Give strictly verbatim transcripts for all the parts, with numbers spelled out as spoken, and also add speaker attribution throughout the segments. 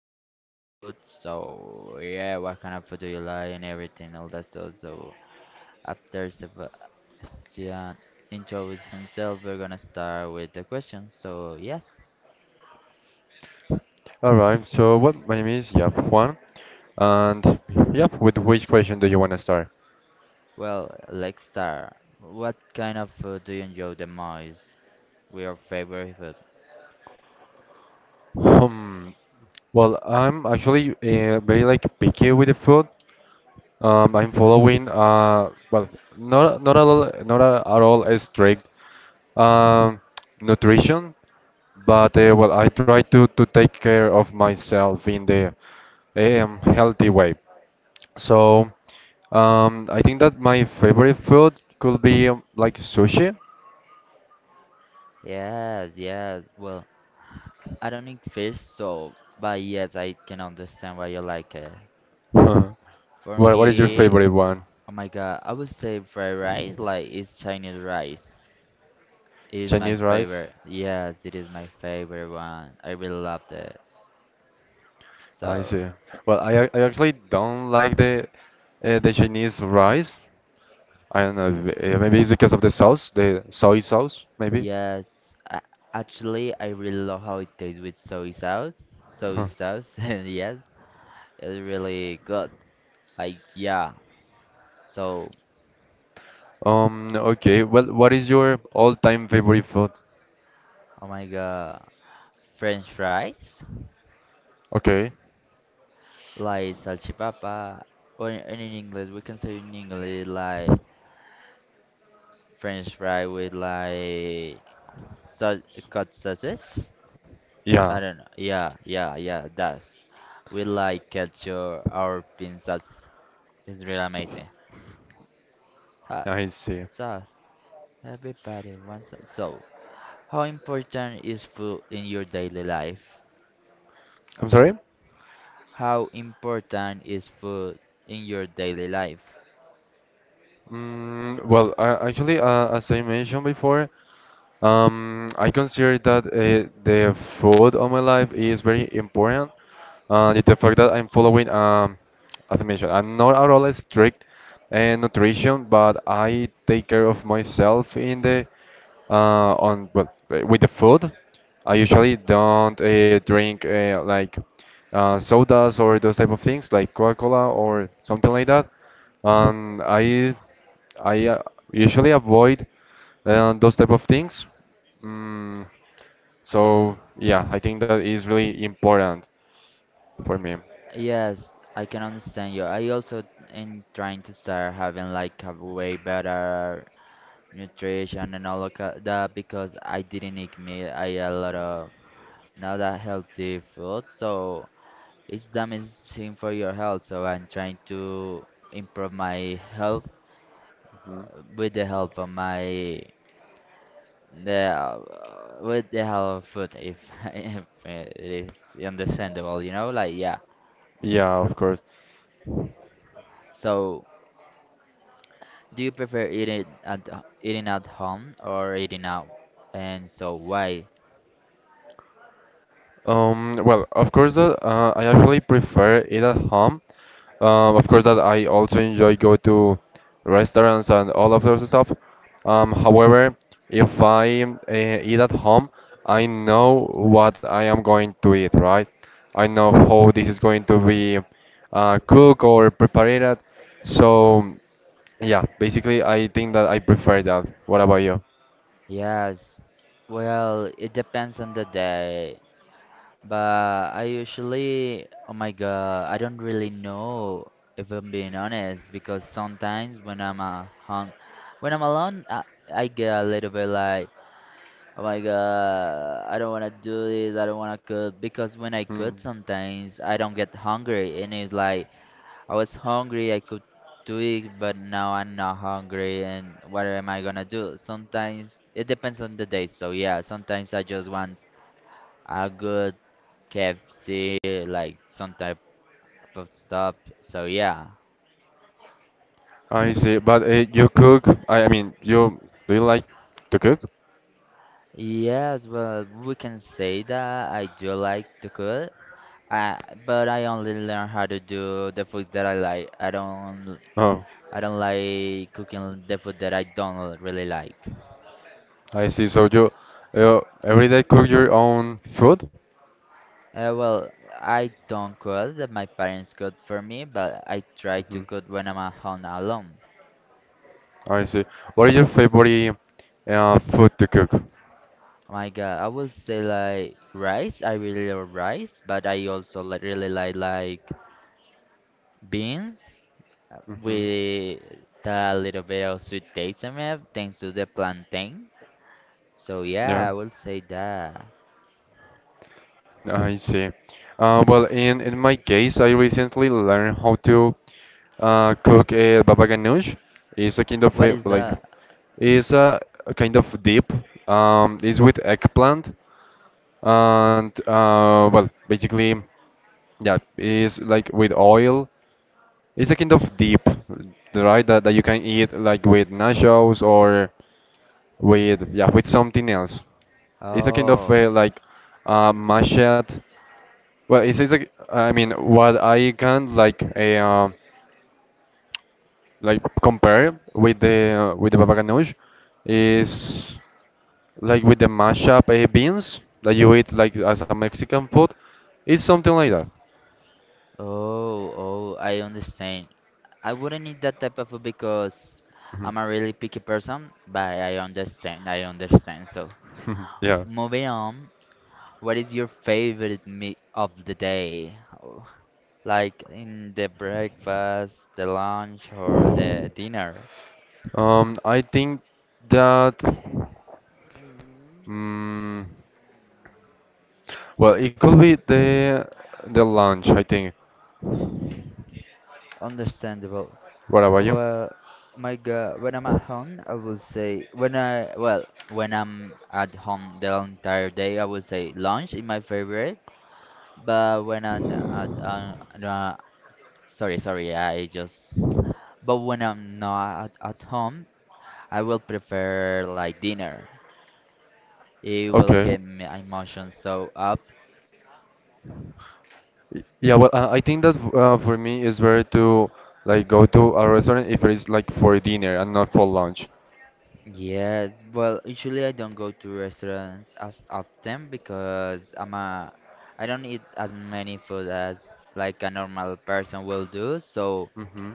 Speaker 1: gonna talk about food. So yeah, what kind of food do you like and everything, all that stuff. So after Sebastian introduces himself, we're gonna start with the question. So yes,
Speaker 2: All right. So, well, my name is Yap Juan, and yep, with which question do you want to start?
Speaker 1: well let's start. What kind of food do you enjoy the most? Your favorite food?
Speaker 2: Hmm. Well, I'm actually uh, very, like, picky with the food. Um, I'm following, uh, well, not not at all, not a, at all a strict um nutrition, but uh, well, I try to to take care of myself in the eh, um, healthy way. So, um, I think that my favorite food could be um, like sushi.
Speaker 1: Yes, yes. Well, I don't eat fish, so but yes, I can understand why you like it.
Speaker 2: Huh.
Speaker 1: For
Speaker 2: What what is your
Speaker 1: me,
Speaker 2: favorite one?
Speaker 1: oh my god, I would say fried rice, like it's Chinese rice. It is my
Speaker 2: Chinese rice?
Speaker 1: favorite. Yes, it is my favorite one. I really loved it.
Speaker 2: I
Speaker 1: So,
Speaker 2: see. Well, I ac- I actually don't like the uh, the Chinese rice. I don't know. if- uh, Maybe it's because of the sauce, the soy sauce, maybe.
Speaker 1: yes, I, actually, I really love how it tastes with soy sauce.
Speaker 2: Huh.
Speaker 1: Soy sauce, and yes, it's really good. Like, yeah. So,
Speaker 2: Um. Okay. Well, what is your all-time favorite food?
Speaker 1: oh my god, French fries,
Speaker 2: Okay.
Speaker 1: like salchipapa, or in, in English, we can say in English like French fry with like such cut sauces.
Speaker 2: Yeah.
Speaker 1: I don't know. Yeah, yeah, yeah. That's we like culture. Our pizzas is really amazing. Hot
Speaker 2: I see.
Speaker 1: sauce. Everybody wants it. So, how important is food in your daily life?
Speaker 2: I'm sorry.
Speaker 1: How important is food in your daily life?
Speaker 2: Mm, well, I, actually, uh, as I mentioned before, um, I consider that uh, the food of my life is very important. And it's the fact that I'm following, um, as I mentioned, I'm not at all strict in nutrition, but I take care of myself in the uh, on well uh, with the food. I usually don't uh, drink uh, like uh, sodas or those type of things, like Coca-Cola or something like that. Um, I I uh, usually avoid uh, those type of things. Mm, so yeah, I think that is really important for me.
Speaker 1: Yes, I can understand you. I also am trying to start having like a way better nutrition and all of ca- that because I didn't eat meat. I had a lot of not a healthy food, so it's damaging for your health. So I'm trying to improve my health
Speaker 2: Mm.
Speaker 1: uh, with the help of my the uh, with the help of food, if if it is understandable, you know, like yeah.
Speaker 2: Yeah, of course.
Speaker 1: So do you prefer eating at h- eating at home or eating out? And so why?
Speaker 2: Um, well, of course that uh, I actually prefer it at home. Um, of course that I also enjoy go to restaurants and all of those stuff. Um, however, if I uh, eat at home, I know what I am going to eat, right? I know how this is going to be uh, cooked or prepared. So yeah, basically I think that I prefer that. What about you?
Speaker 1: Yes. Well, it depends on the day. But I usually, oh my God, I don't really know if I'm being honest because sometimes when I'm uh, hung, when I'm alone, I, I get a little bit like, oh my God, I don't want to do this, I don't want to cook because when I
Speaker 2: Hmm.
Speaker 1: cook sometimes I don't get hungry and it's like I was hungry, I could do it, but now I'm not hungry and what am I gonna do? Sometimes it depends on the day, so yeah, sometimes I just want a good K F C, like some type of stuff. So yeah.
Speaker 2: I see. But uh, you cook. I, I mean, you do you like to cook?
Speaker 1: Yes, well, we can say that I do like to cook. I, but I only learn how to do the food that I like. I don't
Speaker 2: Oh,
Speaker 1: I don't like cooking the food that I don't really like.
Speaker 2: I see. So you uh, every day cook your own food?
Speaker 1: Uh, well, I don't cook that my parents cook for me, but I try to
Speaker 2: Hmm.
Speaker 1: cook when I'm at home alone.
Speaker 2: I see. What is your favorite uh, food to cook?
Speaker 1: Oh my God, I would say like rice. I really love rice, but I also like really like like beans uh,
Speaker 2: Hmm.
Speaker 1: with a little bit of sweet taste in it thanks to the plantain. So
Speaker 2: Yeah,
Speaker 1: yeah, I will say that.
Speaker 2: I see. Uh, well, in in my case, I recently learned how to uh, cook a baba ganoush. It's a kind of
Speaker 1: What
Speaker 2: a,
Speaker 1: is
Speaker 2: like,
Speaker 1: that?
Speaker 2: it's a a kind of dip. Um, it's with eggplant, and uh, well, basically, yeah, it's like with oil. It's a kind of dip, right, that, that you can eat, like, with nachos, or, with yeah with something else. It's a kind of,
Speaker 1: Oh,
Speaker 2: uh, like, uh, mashed. Well, it's, it's like, I mean, what I can, like, uh, like compare with the uh, with the baba ganoush, is like with the mashup uh, beans that you eat, like, as a Mexican food. It's something like that.
Speaker 1: oh, oh, I understand. I wouldn't eat that type of food because
Speaker 2: Mhm.
Speaker 1: I'm a really picky person, but I understand, I understand. So
Speaker 2: Yeah.
Speaker 1: moving on, what is your favorite meal of the day? Oh, like in the breakfast, the lunch, or the dinner?
Speaker 2: Um, I think that, mm, well, it could be the the lunch, I think.
Speaker 1: Understandable.
Speaker 2: What about you?
Speaker 1: Well, my God, when I'm at home, I would say when I well when I'm at home the entire day, I would say lunch is my favorite. But when I'm at uh, uh, sorry sorry, I just but when I'm not at, at home, I will prefer like dinner. It will
Speaker 2: Okay.
Speaker 1: get my emotions so up.
Speaker 2: Y- Yeah, well, uh, I think that uh, for me it's better to, like, go to a restaurant if it's, like, for dinner and not for lunch.
Speaker 1: Yes, well, usually I don't go to restaurants as often because I'm a I don't eat as many food as like a normal person will do. So
Speaker 2: Mm-hmm.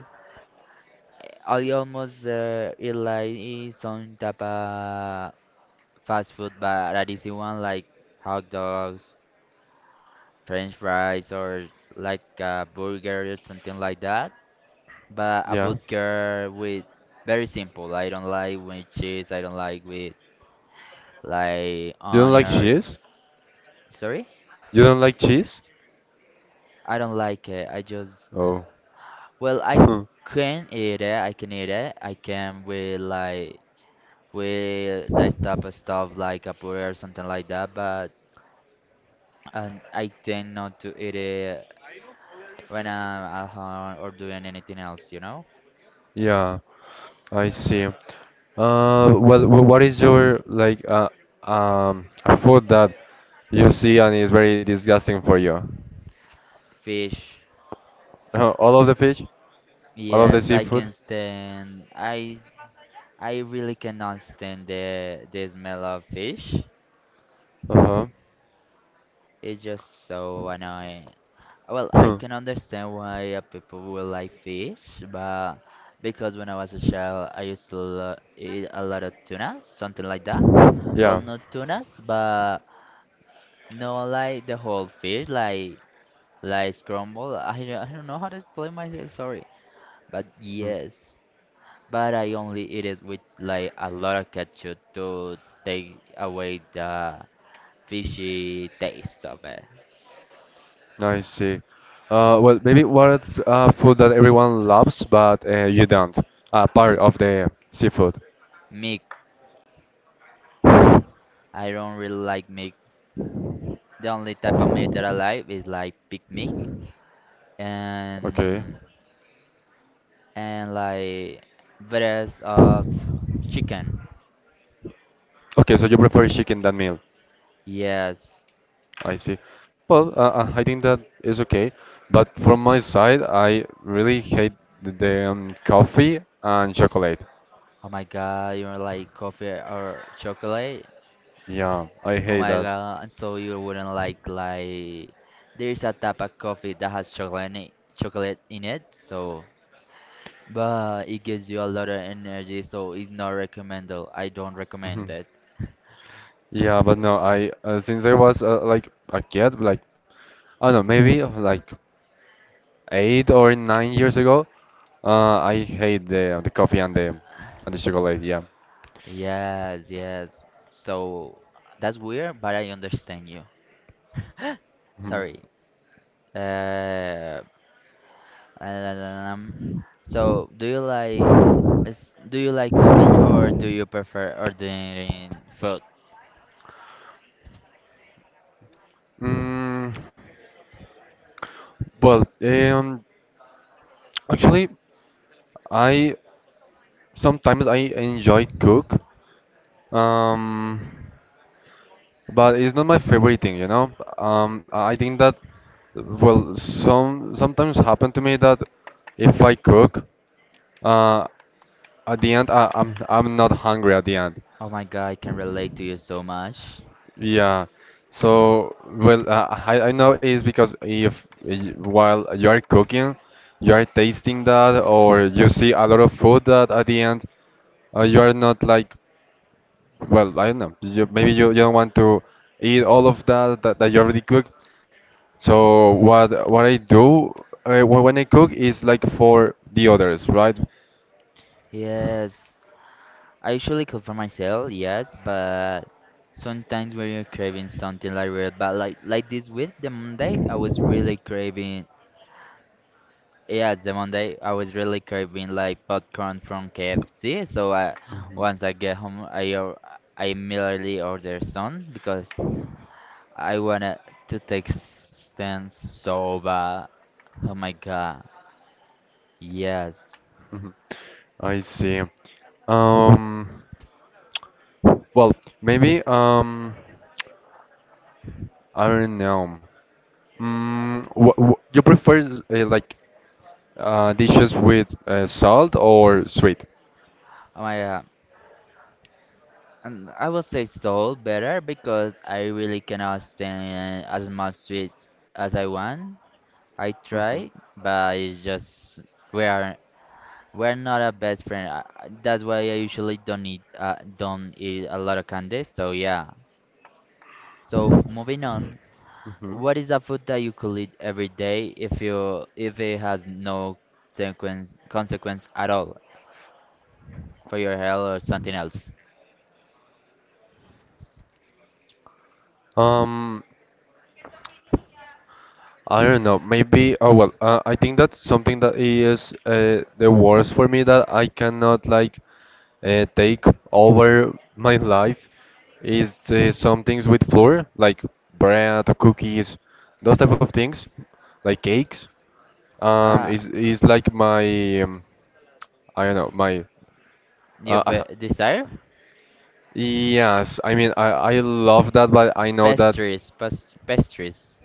Speaker 1: I I almost uh, eat like some type of fast food, but an easy one like hot dogs, French fries, or like a burger or something like that. But a
Speaker 2: Yeah.
Speaker 1: burger with very simple. I don't like with cheese. I don't like with like
Speaker 2: You don't
Speaker 1: onion
Speaker 2: like
Speaker 1: or
Speaker 2: cheese?
Speaker 1: sorry?
Speaker 2: You don't like cheese?
Speaker 1: I don't like it. I just
Speaker 2: Oh.
Speaker 1: well, I
Speaker 2: Hmm.
Speaker 1: can eat it. I can eat it. I can with like with that type of stuff like a puree or something like that. But and I tend not to eat it when I'm at home or doing anything else. You know,
Speaker 2: Yeah, I see. Uh, well, wh- what is your, like, uh, um a food that you see, and it's very disgusting for you?
Speaker 1: fish.
Speaker 2: Uh, all of the fish, all of the
Speaker 1: Yes, I
Speaker 2: seafood.
Speaker 1: can stand. I I really cannot stand the the smell of fish.
Speaker 2: Uh
Speaker 1: It's just so annoying. Well, I
Speaker 2: huh.
Speaker 1: can understand why uh, people will like fish, but because when I was a child, I used to lo- eat a lot of tuna, something like that. Well,
Speaker 2: Yeah.
Speaker 1: not tunas, but not like the whole fish, like like scramble. I don't, I don't know how to explain myself, sorry. But
Speaker 2: Mm,
Speaker 1: yes, but I only eat it with like a lot of ketchup to take away the fishy taste of it.
Speaker 2: I see. Uh, well, maybe what's uh, food that everyone loves but uh, you don't? Uh, part of the seafood.
Speaker 1: Meat, I don't really like meat. The only type of meat that I like is like pig meat
Speaker 2: Okay.
Speaker 1: and and like breast of chicken.
Speaker 2: Okay, so you prefer chicken than meal.
Speaker 1: Yes.
Speaker 2: I see. Well, uh, uh, I think that is okay. But from my side, I really hate the um, coffee and chocolate.
Speaker 1: Oh my god, you don't like coffee or chocolate?
Speaker 2: Yeah, I
Speaker 1: Oh
Speaker 2: hate
Speaker 1: my
Speaker 2: that.
Speaker 1: god, and so you wouldn't like like there is a type of coffee that has chocolate in it, chocolate in it, so but it gives you a lot of energy, so it's not recommended. I don't recommend it.
Speaker 2: Yeah, but no, I uh, since I was uh, like a kid, like, I don't know, maybe of, like, eight or nine years ago, uh, I hate the uh, the coffee and the and the chocolate. Yeah.
Speaker 1: Yes, yes. So that's weird, but I understand you.
Speaker 2: Mhm.
Speaker 1: Sorry. Uh, um, so do you like is, do you like cooking or do you prefer ordering food?
Speaker 2: Mm, well, um, actually, I sometimes I enjoy cook, um, but it's not my favorite thing, you know. Um, I think that, well, some sometimes happen to me that if I cook, uh, at the end, I, I'm I'm not hungry at the end.
Speaker 1: Oh my God, I can relate to you so much.
Speaker 2: Yeah. So, well, uh, I I know it's because if, y- while you are cooking, you are tasting that, or you see a lot of food that at the end, uh, you are not like, well, I don't know. You, maybe you, you don't want to eat all of that that, that you already cooked. So what what I do, uh, wh- when I cook, is like for the others, right?
Speaker 1: Yes, I usually cook for myself, yes, but sometimes when you're craving something like real, but like like this week, the Monday, I was really craving yeah, the Monday I was really craving like popcorn from K F C, so I,
Speaker 2: Mhm.
Speaker 1: once I get home, I or- I immediately order some because I wanted to take stand so bad. Oh my god, yes.
Speaker 2: Mhm. I see. Um. Well, maybe, um, I don't know. Mm, wh wh You prefer, s- uh, like, uh, dishes with, uh, salt or sweet?
Speaker 1: Oh my god, and I will say so better because I really cannot stand as much sweet as I want. I
Speaker 2: Hmm.
Speaker 1: try, but it's just we are we're not a best friend. I- I- That's why I usually don't eat uh, don't eat a lot of candy. So yeah. So moving on,
Speaker 2: Hmm.
Speaker 1: what is a food that you could eat every day if you if it has no sequence consequence at all for your health or something else?
Speaker 2: Um, I don't know. Maybe. Oh well. Uh, I think that's something that is, uh, the worst for me that I cannot, like, uh, take over my life, is, uh, some things with flour, like bread, cookies, those type of things, like cakes. Um,
Speaker 1: Ah,
Speaker 2: it's, it's like my, um, I don't know, my,
Speaker 1: your be
Speaker 2: uh,
Speaker 1: desire?
Speaker 2: yes, I mean, I, I love that, but I know that,
Speaker 1: Pastries, pas pastries.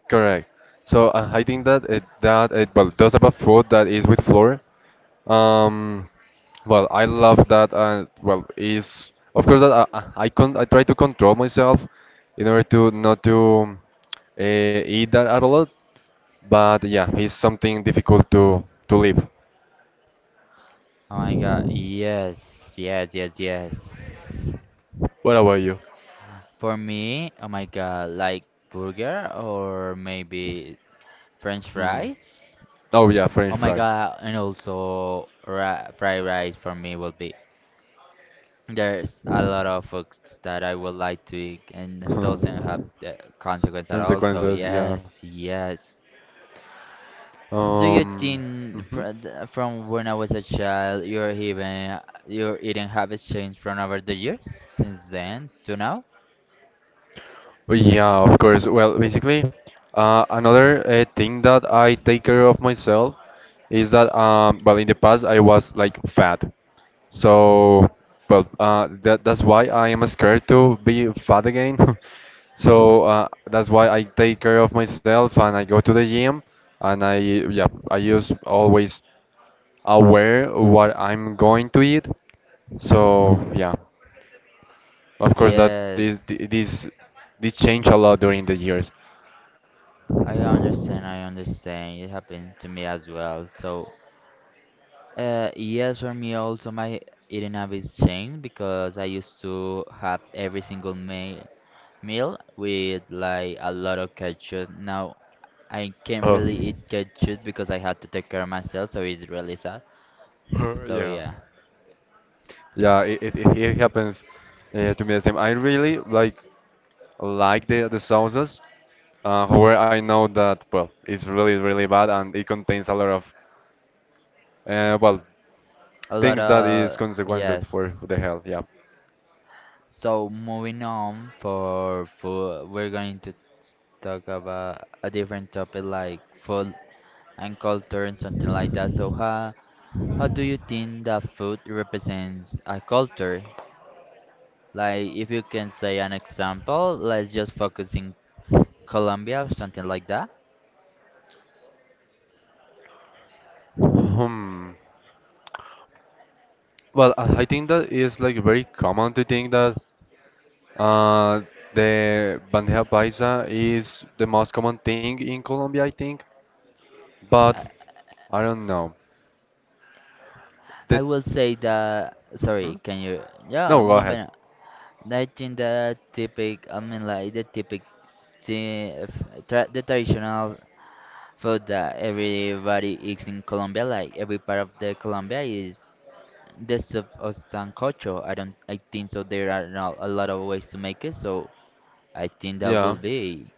Speaker 2: correct. So uh, I think that, it, that, it, well, those type of food that is with flour, um, well, I love that, and, well, is, of course that I, I I con I try to control myself in order to not to uh, eat that at a lot, but yeah, it's something difficult to, to live.
Speaker 1: Oh my god, yes, yes, yes, yes.
Speaker 2: What about
Speaker 1: For me, oh my god, like burger or maybe French
Speaker 2: you?
Speaker 1: fries?
Speaker 2: Oh yeah, French
Speaker 1: Oh my
Speaker 2: fries.
Speaker 1: god, and also ra fried rice for me will be. There's a lot of foods that I would like to eat and doesn't have the consequence at all. So
Speaker 2: Consequences, yeah.
Speaker 1: yes, yes. Do you
Speaker 2: Um,
Speaker 1: think
Speaker 2: mhm.
Speaker 1: fr th- from when I was a child, your even your eating habits changed from over the years since then to now?
Speaker 2: Well, yeah, of course. Well, basically, uh, another uh, thing that I take care of myself is that, um, well, in the past I was like fat, so, well, uh, that that's why I am scared to be fat again. So uh, that's why I take care of myself and I go to the gym, and I, yeah, I just always aware what I'm going to eat. So yeah, of course that this
Speaker 1: Yes,
Speaker 2: this this change a lot during the years.
Speaker 1: I understand. I understand. It happened to me as well. So. Uh, yes, for me also my eating habits changed because I used to have every single meal meal with like a lot of ketchup. Now I can't
Speaker 2: Oh,
Speaker 1: really eat ketchup because I had to take care of myself, so it's really sad. So
Speaker 2: yeah,
Speaker 1: yeah,
Speaker 2: yeah. It it, it it happens, uh, to me the same. I really like like the the sauces. Uh, however, I know that, well, it's really, really bad, and it contains a lot of, uh, well,
Speaker 1: a lot
Speaker 2: things that is
Speaker 1: of
Speaker 2: consequences
Speaker 1: yes.
Speaker 2: for the health. Yeah.
Speaker 1: So moving on for food, we're going to s- talk about a different topic like food and culture and something like that. So how How do you think that food represents a culture? Like, if you can say an example, let's just focus in Colombia or something like that.
Speaker 2: Hmm. Well, I I think that is, like, very common to think that, Uh, the bandeja paisa is the most common thing in Colombia, I think,
Speaker 1: I,
Speaker 2: but I don't know.
Speaker 1: I
Speaker 2: The
Speaker 1: will say that. Sorry,
Speaker 2: Mhm.
Speaker 1: can you? Yeah,
Speaker 2: No, go ahead.
Speaker 1: moving on. I think the typic, I mean, like the typic, the, tra- the traditional food that everybody eats in Colombia, like every part of the Colombia is the soup of sancocho. I don't, I think so. There are not a lot of ways to make it, so. I think that
Speaker 2: Yeah.
Speaker 1: will be.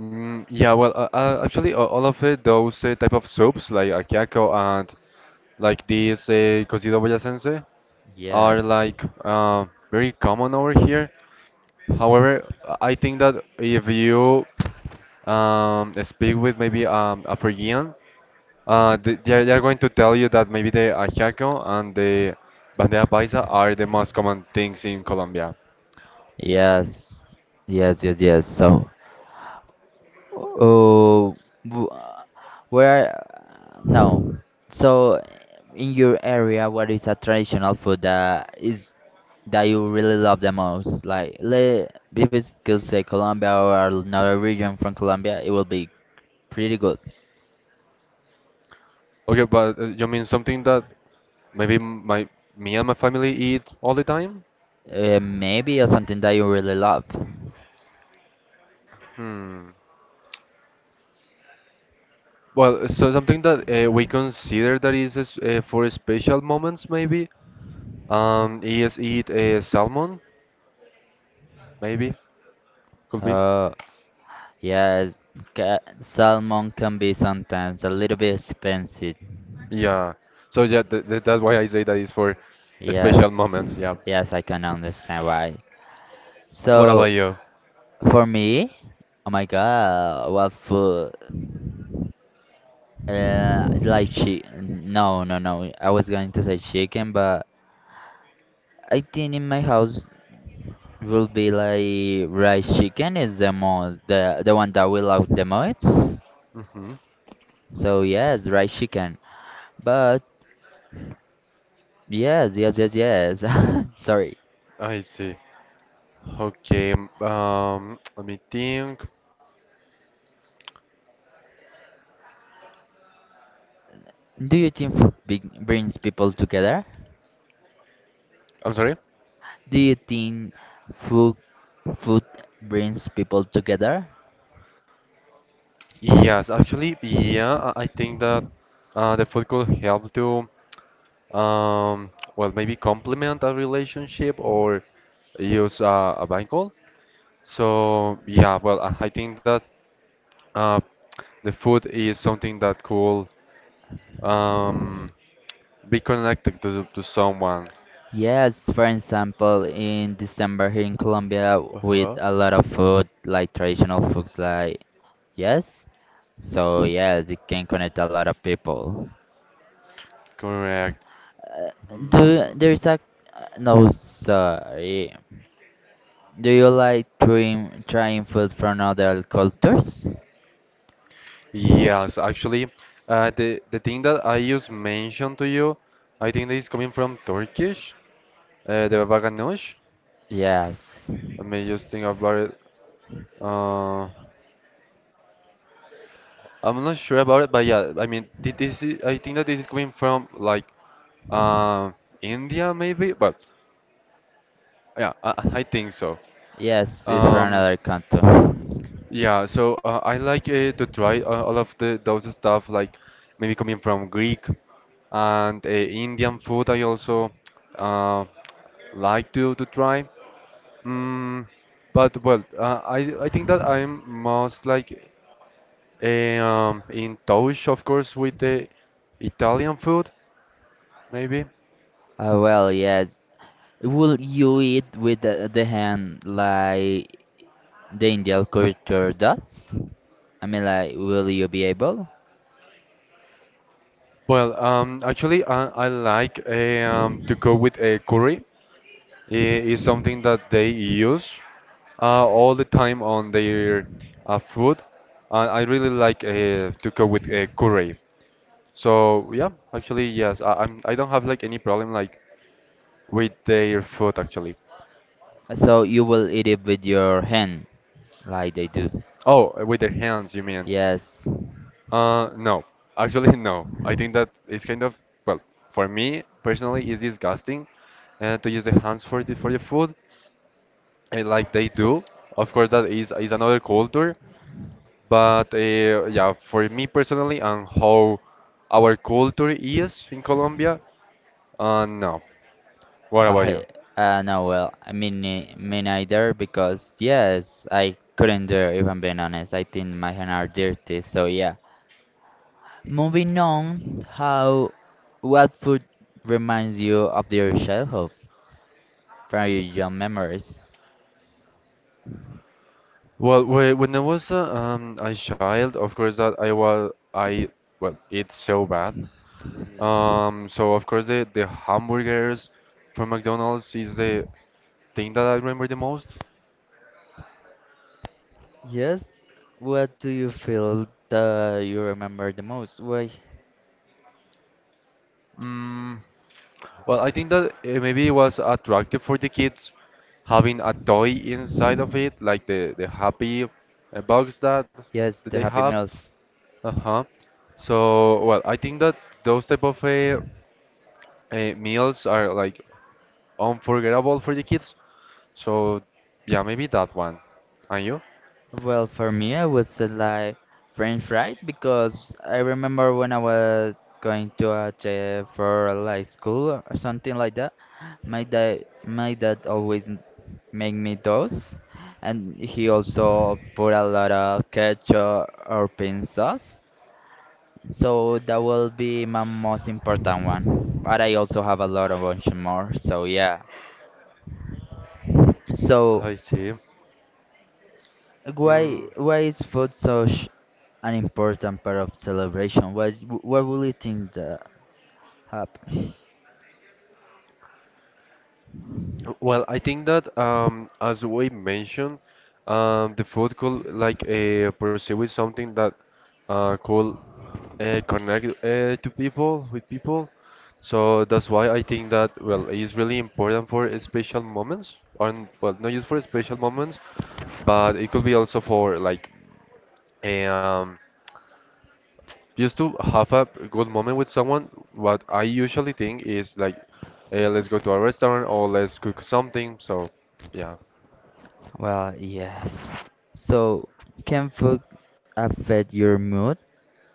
Speaker 2: Mm, yeah, well, uh, uh, actually, uh, all of uh, those uh, type of soups, like ajiaco and like this uh, cocido boyacense, are
Speaker 1: Yes.
Speaker 2: like uh, very common over here. However, I I think that if you um, speak with maybe um, a Fijian, Uh, they, they are they are going to tell you that maybe the ajiaco and the bandeja paisa are the most common things in Colombia.
Speaker 1: Yes. Yes, yes, yes. So, oh, w- uh, where, no. So, in your area, what is a traditional food that is that you really love the most? Like, le, if it's could say Colombia or another region from Colombia, it will be pretty good.
Speaker 2: Okay, but uh, you mean something that maybe, m- my me and my family eat all the time?
Speaker 1: Uh, maybe or something that you really love.
Speaker 2: Hmm. Well, so something that uh, we consider that is, es- uh, for special moments, maybe, um, is eat, uh, salmon, maybe, could be.
Speaker 1: Uh, Yes, ca- salmon can be sometimes a little bit expensive.
Speaker 2: Yeah. So yeah, th th that's why I say that is for special
Speaker 1: Yes,
Speaker 2: moments. Yeah.
Speaker 1: yes, I can understand why.
Speaker 2: What
Speaker 1: So
Speaker 2: about you?
Speaker 1: for me, oh my God, what food? Uh, like chi? No, no, no. I was going to say chicken, but I think in my house will be like rice chicken is the most the the one that we love the most.
Speaker 2: Hmm.
Speaker 1: So yes, rice chicken. But yes, yes, yes, yes. Sorry.
Speaker 2: I see. Okay, um, let me think.
Speaker 1: Do you think food bring- brings people together?
Speaker 2: I'm sorry.
Speaker 1: Do you think food food brings people together?
Speaker 2: Yes, actually, yeah, I I think that uh, the food could help to, um, well, maybe complement a relationship or use uh, a bangle. So, yeah, well, I I think that uh, the food is something that could, um, be connected to, to someone.
Speaker 1: Yes, for example, in December here in Colombia, with
Speaker 2: Uh-huh.
Speaker 1: a lot of food, like traditional foods, like yes. So yes, it can connect a lot of people.
Speaker 2: Correct.
Speaker 1: Uh, do
Speaker 2: Mm,
Speaker 1: there is a uh, no sorry. Do you like trying trying food from other cultures?
Speaker 2: Yes, actually, uh, the the thing that I just mentioned to you, I think that is coming from Turkish, uh, the baba ganoush.
Speaker 1: Yes.
Speaker 2: Let me just think about it. Uh, I'm not sure about it, but yeah, I mean, thi- this is, I think that this is coming from, like, uh, India, maybe, but yeah, I, I think so.
Speaker 1: Yes, it's for
Speaker 2: Um,
Speaker 1: another canto.
Speaker 2: yeah, so uh, I like, uh, to try, uh, all of the those stuff, like maybe coming from Greek, and uh, Indian food. I also, uh, like to to try. Mm, but well, uh, I I think that I'm most, like, eh, um, in touch, of course, with the Italian food, maybe.
Speaker 1: Ah well, yes. Will you eat with the, the hand like the Indian culture does? I mean, like, will you be able?
Speaker 2: Well, um, actually, I, I like, eh, um, to go with a curry. It is something that they use uh, all the time on their uh, food. And I really like uh, to go with a curry. So yeah, actually, yes, I, I'm I don't have, like, any problem, like, with their food, actually.
Speaker 1: So you will eat it with your hand, like they do.
Speaker 2: Oh, uh, with their hands, you mean?
Speaker 1: Yes.
Speaker 2: Uh, no, actually, no. I think that it's kind of, well, for me personally, it's disgusting, uh, to use the hands for the, for the food, uh, like they do. Of course, that is is another culture, but uh, yeah, for me personally, and how our culture is in Colombia, uh, no. What about you?
Speaker 1: I, uh, no, well, I mean, eh, me neither, because yes, I couldn't do it, if I'm being honest. I think my hands are dirty, so yeah. Moving on, how what food reminds you of your childhood from your young memories?
Speaker 2: Well, whe- when I was a, um, a child, of course that I was I well, it's so bad Um, so of course the the hamburgers from McDonald's is the thing that I remember the most.
Speaker 1: Yes, what do you feel that you remember the most? Why?
Speaker 2: Mm, well, I think that uh, maybe it was attractive for the kids, having a toy inside of it, like the the happy uh, box that that
Speaker 1: Yes,
Speaker 2: they
Speaker 1: the Happy
Speaker 2: have.
Speaker 1: Meals.
Speaker 2: Uh-huh. So well, I think that those type of uh, uh, meals are like unforgettable for the kids. So yeah, maybe that one. And you?
Speaker 1: Well, for me, I would say like French fries because I remember when I was going to a j- for like school or something like that, my dad my dad always m- make me those, and he also put a lot of ketchup or pin sauce. So that will be my most important one. But I also have a lot of bunch more. So yeah. So.
Speaker 2: I see.
Speaker 1: Why
Speaker 2: Mm.
Speaker 1: why is food such an important part of celebration? What w- what will you think that happen?
Speaker 2: Well, I think that um, as we mentioned, um, the food could like uh, pursue with something that uh, could uh, connect uh, to people with people. So that's why I think that, well, it's really important for uh, special moments, and well, not just for special moments, but it could be also for like a, um, just to have a good moment with someone. What I usually think is like, uh, let's go to a restaurant or let's cook something. So yeah.
Speaker 1: Well, yes. So can food affect your mood?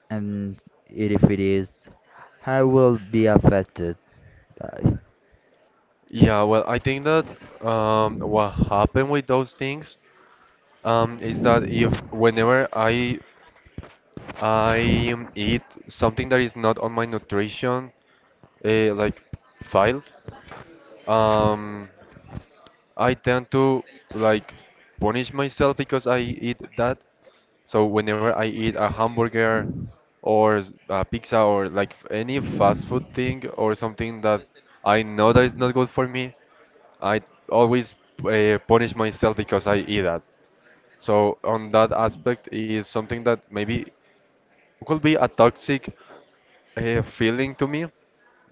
Speaker 1: And if it is, how will it be affected by?
Speaker 2: Yeah, well, I think that um, what happened with those things um, is that if whenever I I um, eat something that is not on my nutrition, uh, like filed, um, I tend to, like, punish myself because I eat that. So whenever I eat a hamburger or s- a pizza or like f- any fast food thing or something that I know that is not good for me, I always uh, punish myself because I eat that. So on that aspect is something that maybe could be a toxic uh, feeling to me,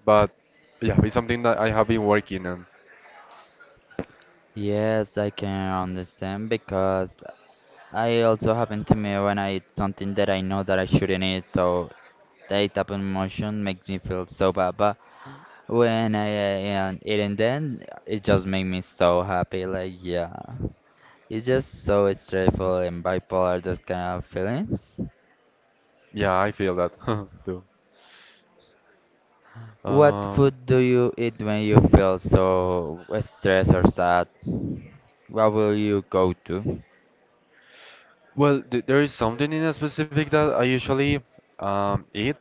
Speaker 2: but yeah, it's something that I have been working on.
Speaker 1: Yes, I can understand because I also happen to me when I eat something that I know that I shouldn't eat, so that type of emotion makes me feel so bad. But when I am eating then it just make me so happy. Like yeah, it's just so stressful and bipolar, those kind of feelings.
Speaker 2: Yeah, I feel that too.
Speaker 1: What
Speaker 2: Um,
Speaker 1: food do you eat when you feel so stressed or sad? What will you go to?
Speaker 2: Well, th there is something in a specific that I usually um, eat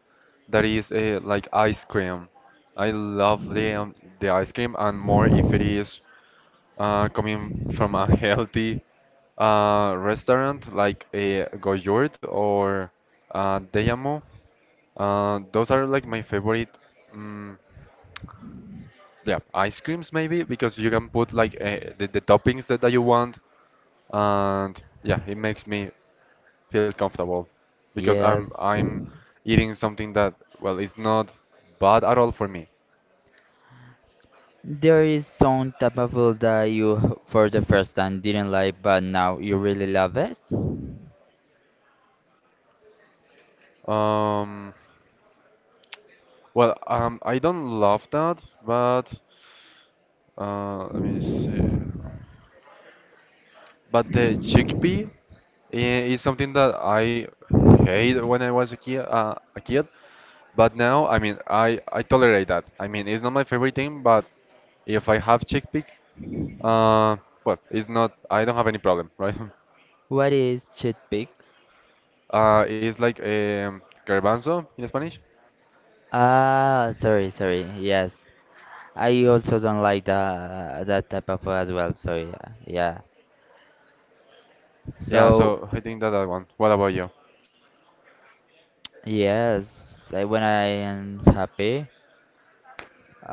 Speaker 2: that is uh, like ice cream. I love the um, the ice cream, and more if it is uh, coming from a healthy uh, restaurant like a Goyurt or uh, Deyamo. Uh, those are like my favorite. Um, yeah, ice creams maybe because you can put like uh, the, the toppings that, that you want, and yeah, it makes me feel comfortable because I'm
Speaker 1: Yes,
Speaker 2: I'm eating something that, well, it's not bad at all for me.
Speaker 1: there is some type of food that you h- for the first time didn't like, but now you really love it.
Speaker 2: Um, well, um, I don't love that, but uh, let me see. But the chickpea i- is something that I hate when I was a kid, uh, a kid. But now, I mean, I I tolerate that. I mean, it's not my favorite thing, but if I have chickpea, uh, well, it's not. I don't have any problem, right?
Speaker 1: What is toothpick?
Speaker 2: Uh, it's like um, garbanzo in Spanish.
Speaker 1: Ah, sorry, sorry. Yes. I also don't like that uh, that type of food as well. So yeah, yeah.
Speaker 2: Yeah,
Speaker 1: So
Speaker 2: so I think that I want. What about you?
Speaker 1: yes, I, when I am happy,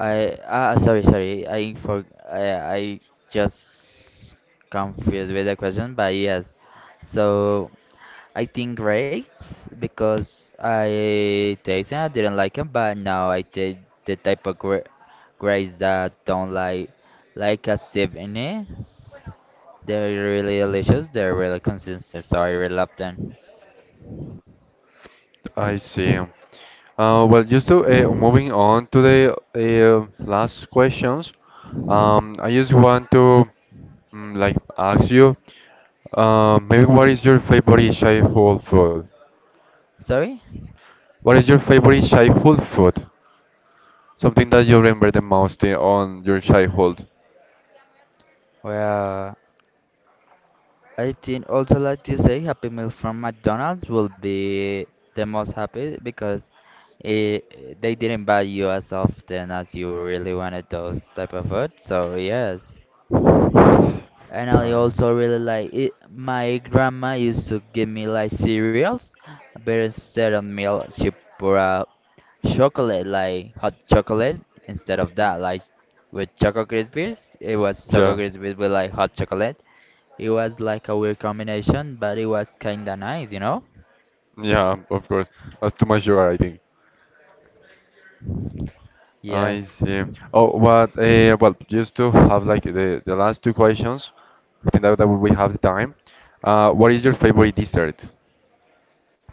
Speaker 1: I ah sorry sorry I for I I just confused with the question, but yes. So I think great because I tasted I didn't like them, but now I take the type of gra grapes that don't like like a sip in it. They're really delicious. They're really consistent, so I really love them.
Speaker 2: I see. Uh, well, just to uh, moving on to the uh, last questions. Um, I just want to, mm, like, ask you, uh, maybe, what is
Speaker 1: Yes.
Speaker 2: your favorite childhood food?
Speaker 1: Sorry?
Speaker 2: What is your favorite childhood food? Something that you remember the most uh, on your childhood.
Speaker 1: Well, I think also like to say Happy Meal from McDonald's will be the most happy because it, they didn't buy you as often as you really wanted those type of food. So yes. And I
Speaker 2: Time.
Speaker 1: also really like it. My grandma used to give me like cereals, but instead of milk, she put chocolate, like hot chocolate. Instead of that, like with Choco Krispies, it was Choco
Speaker 2: Yeah,
Speaker 1: Krispies with like hot chocolate. It was like a weird combination, but it was kinda nice, you know?
Speaker 2: yeah, of course. That's too much sugar, I think. I
Speaker 1: Yes.
Speaker 2: see. Oh, what? Uh, well, just to have like the, the last two questions, I think that, that we have the time. Uh, what is your favorite dessert?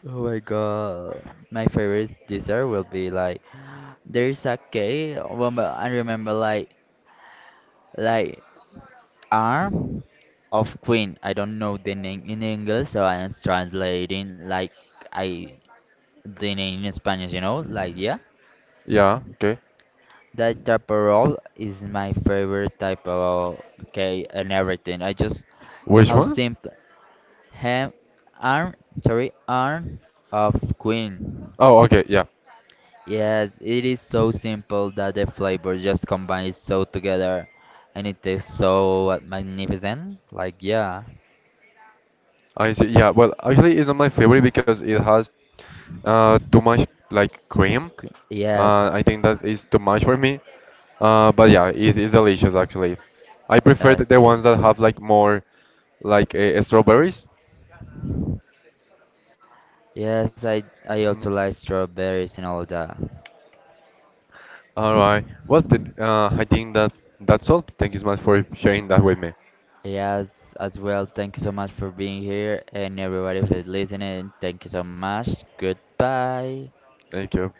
Speaker 1: Oh my god. My favorite dessert will be like there's a cake. Well, but I remember like like arm of queen. I don't know the name in English, so I am translating like I the name in Spanish. You know, like yeah.
Speaker 2: Yeah, okay.
Speaker 1: That roll is my favorite type of cake and everything. I just
Speaker 2: Which
Speaker 1: how
Speaker 2: one?
Speaker 1: simple. Ham, arm, sorry, arm of queen.
Speaker 2: Oh, okay, yeah.
Speaker 1: Yes, it is so simple that the flavor just combines so together, and it tastes so magnificent. Like yeah,
Speaker 2: I see. Yeah, well, actually, it's not my favorite because it has uh, too much, like, cream.
Speaker 1: que-
Speaker 2: Uh,
Speaker 1: yes,
Speaker 2: I think that is too much for me. Uh, but yeah, it's, it's delicious actually. I prefer the, the
Speaker 1: yes it
Speaker 2: ones that
Speaker 1: is.
Speaker 2: have like more, like, uh, strawberries.
Speaker 1: Yes, I I
Speaker 2: Mhm.
Speaker 1: also like strawberries and all that.
Speaker 2: All right. Well, th uh, I think that that's all. Thank you so much for sharing that with me.
Speaker 1: Yes, as well. Thank you so much for being here, and everybody for listening. Thank you so much. Goodbye.
Speaker 2: Thank you.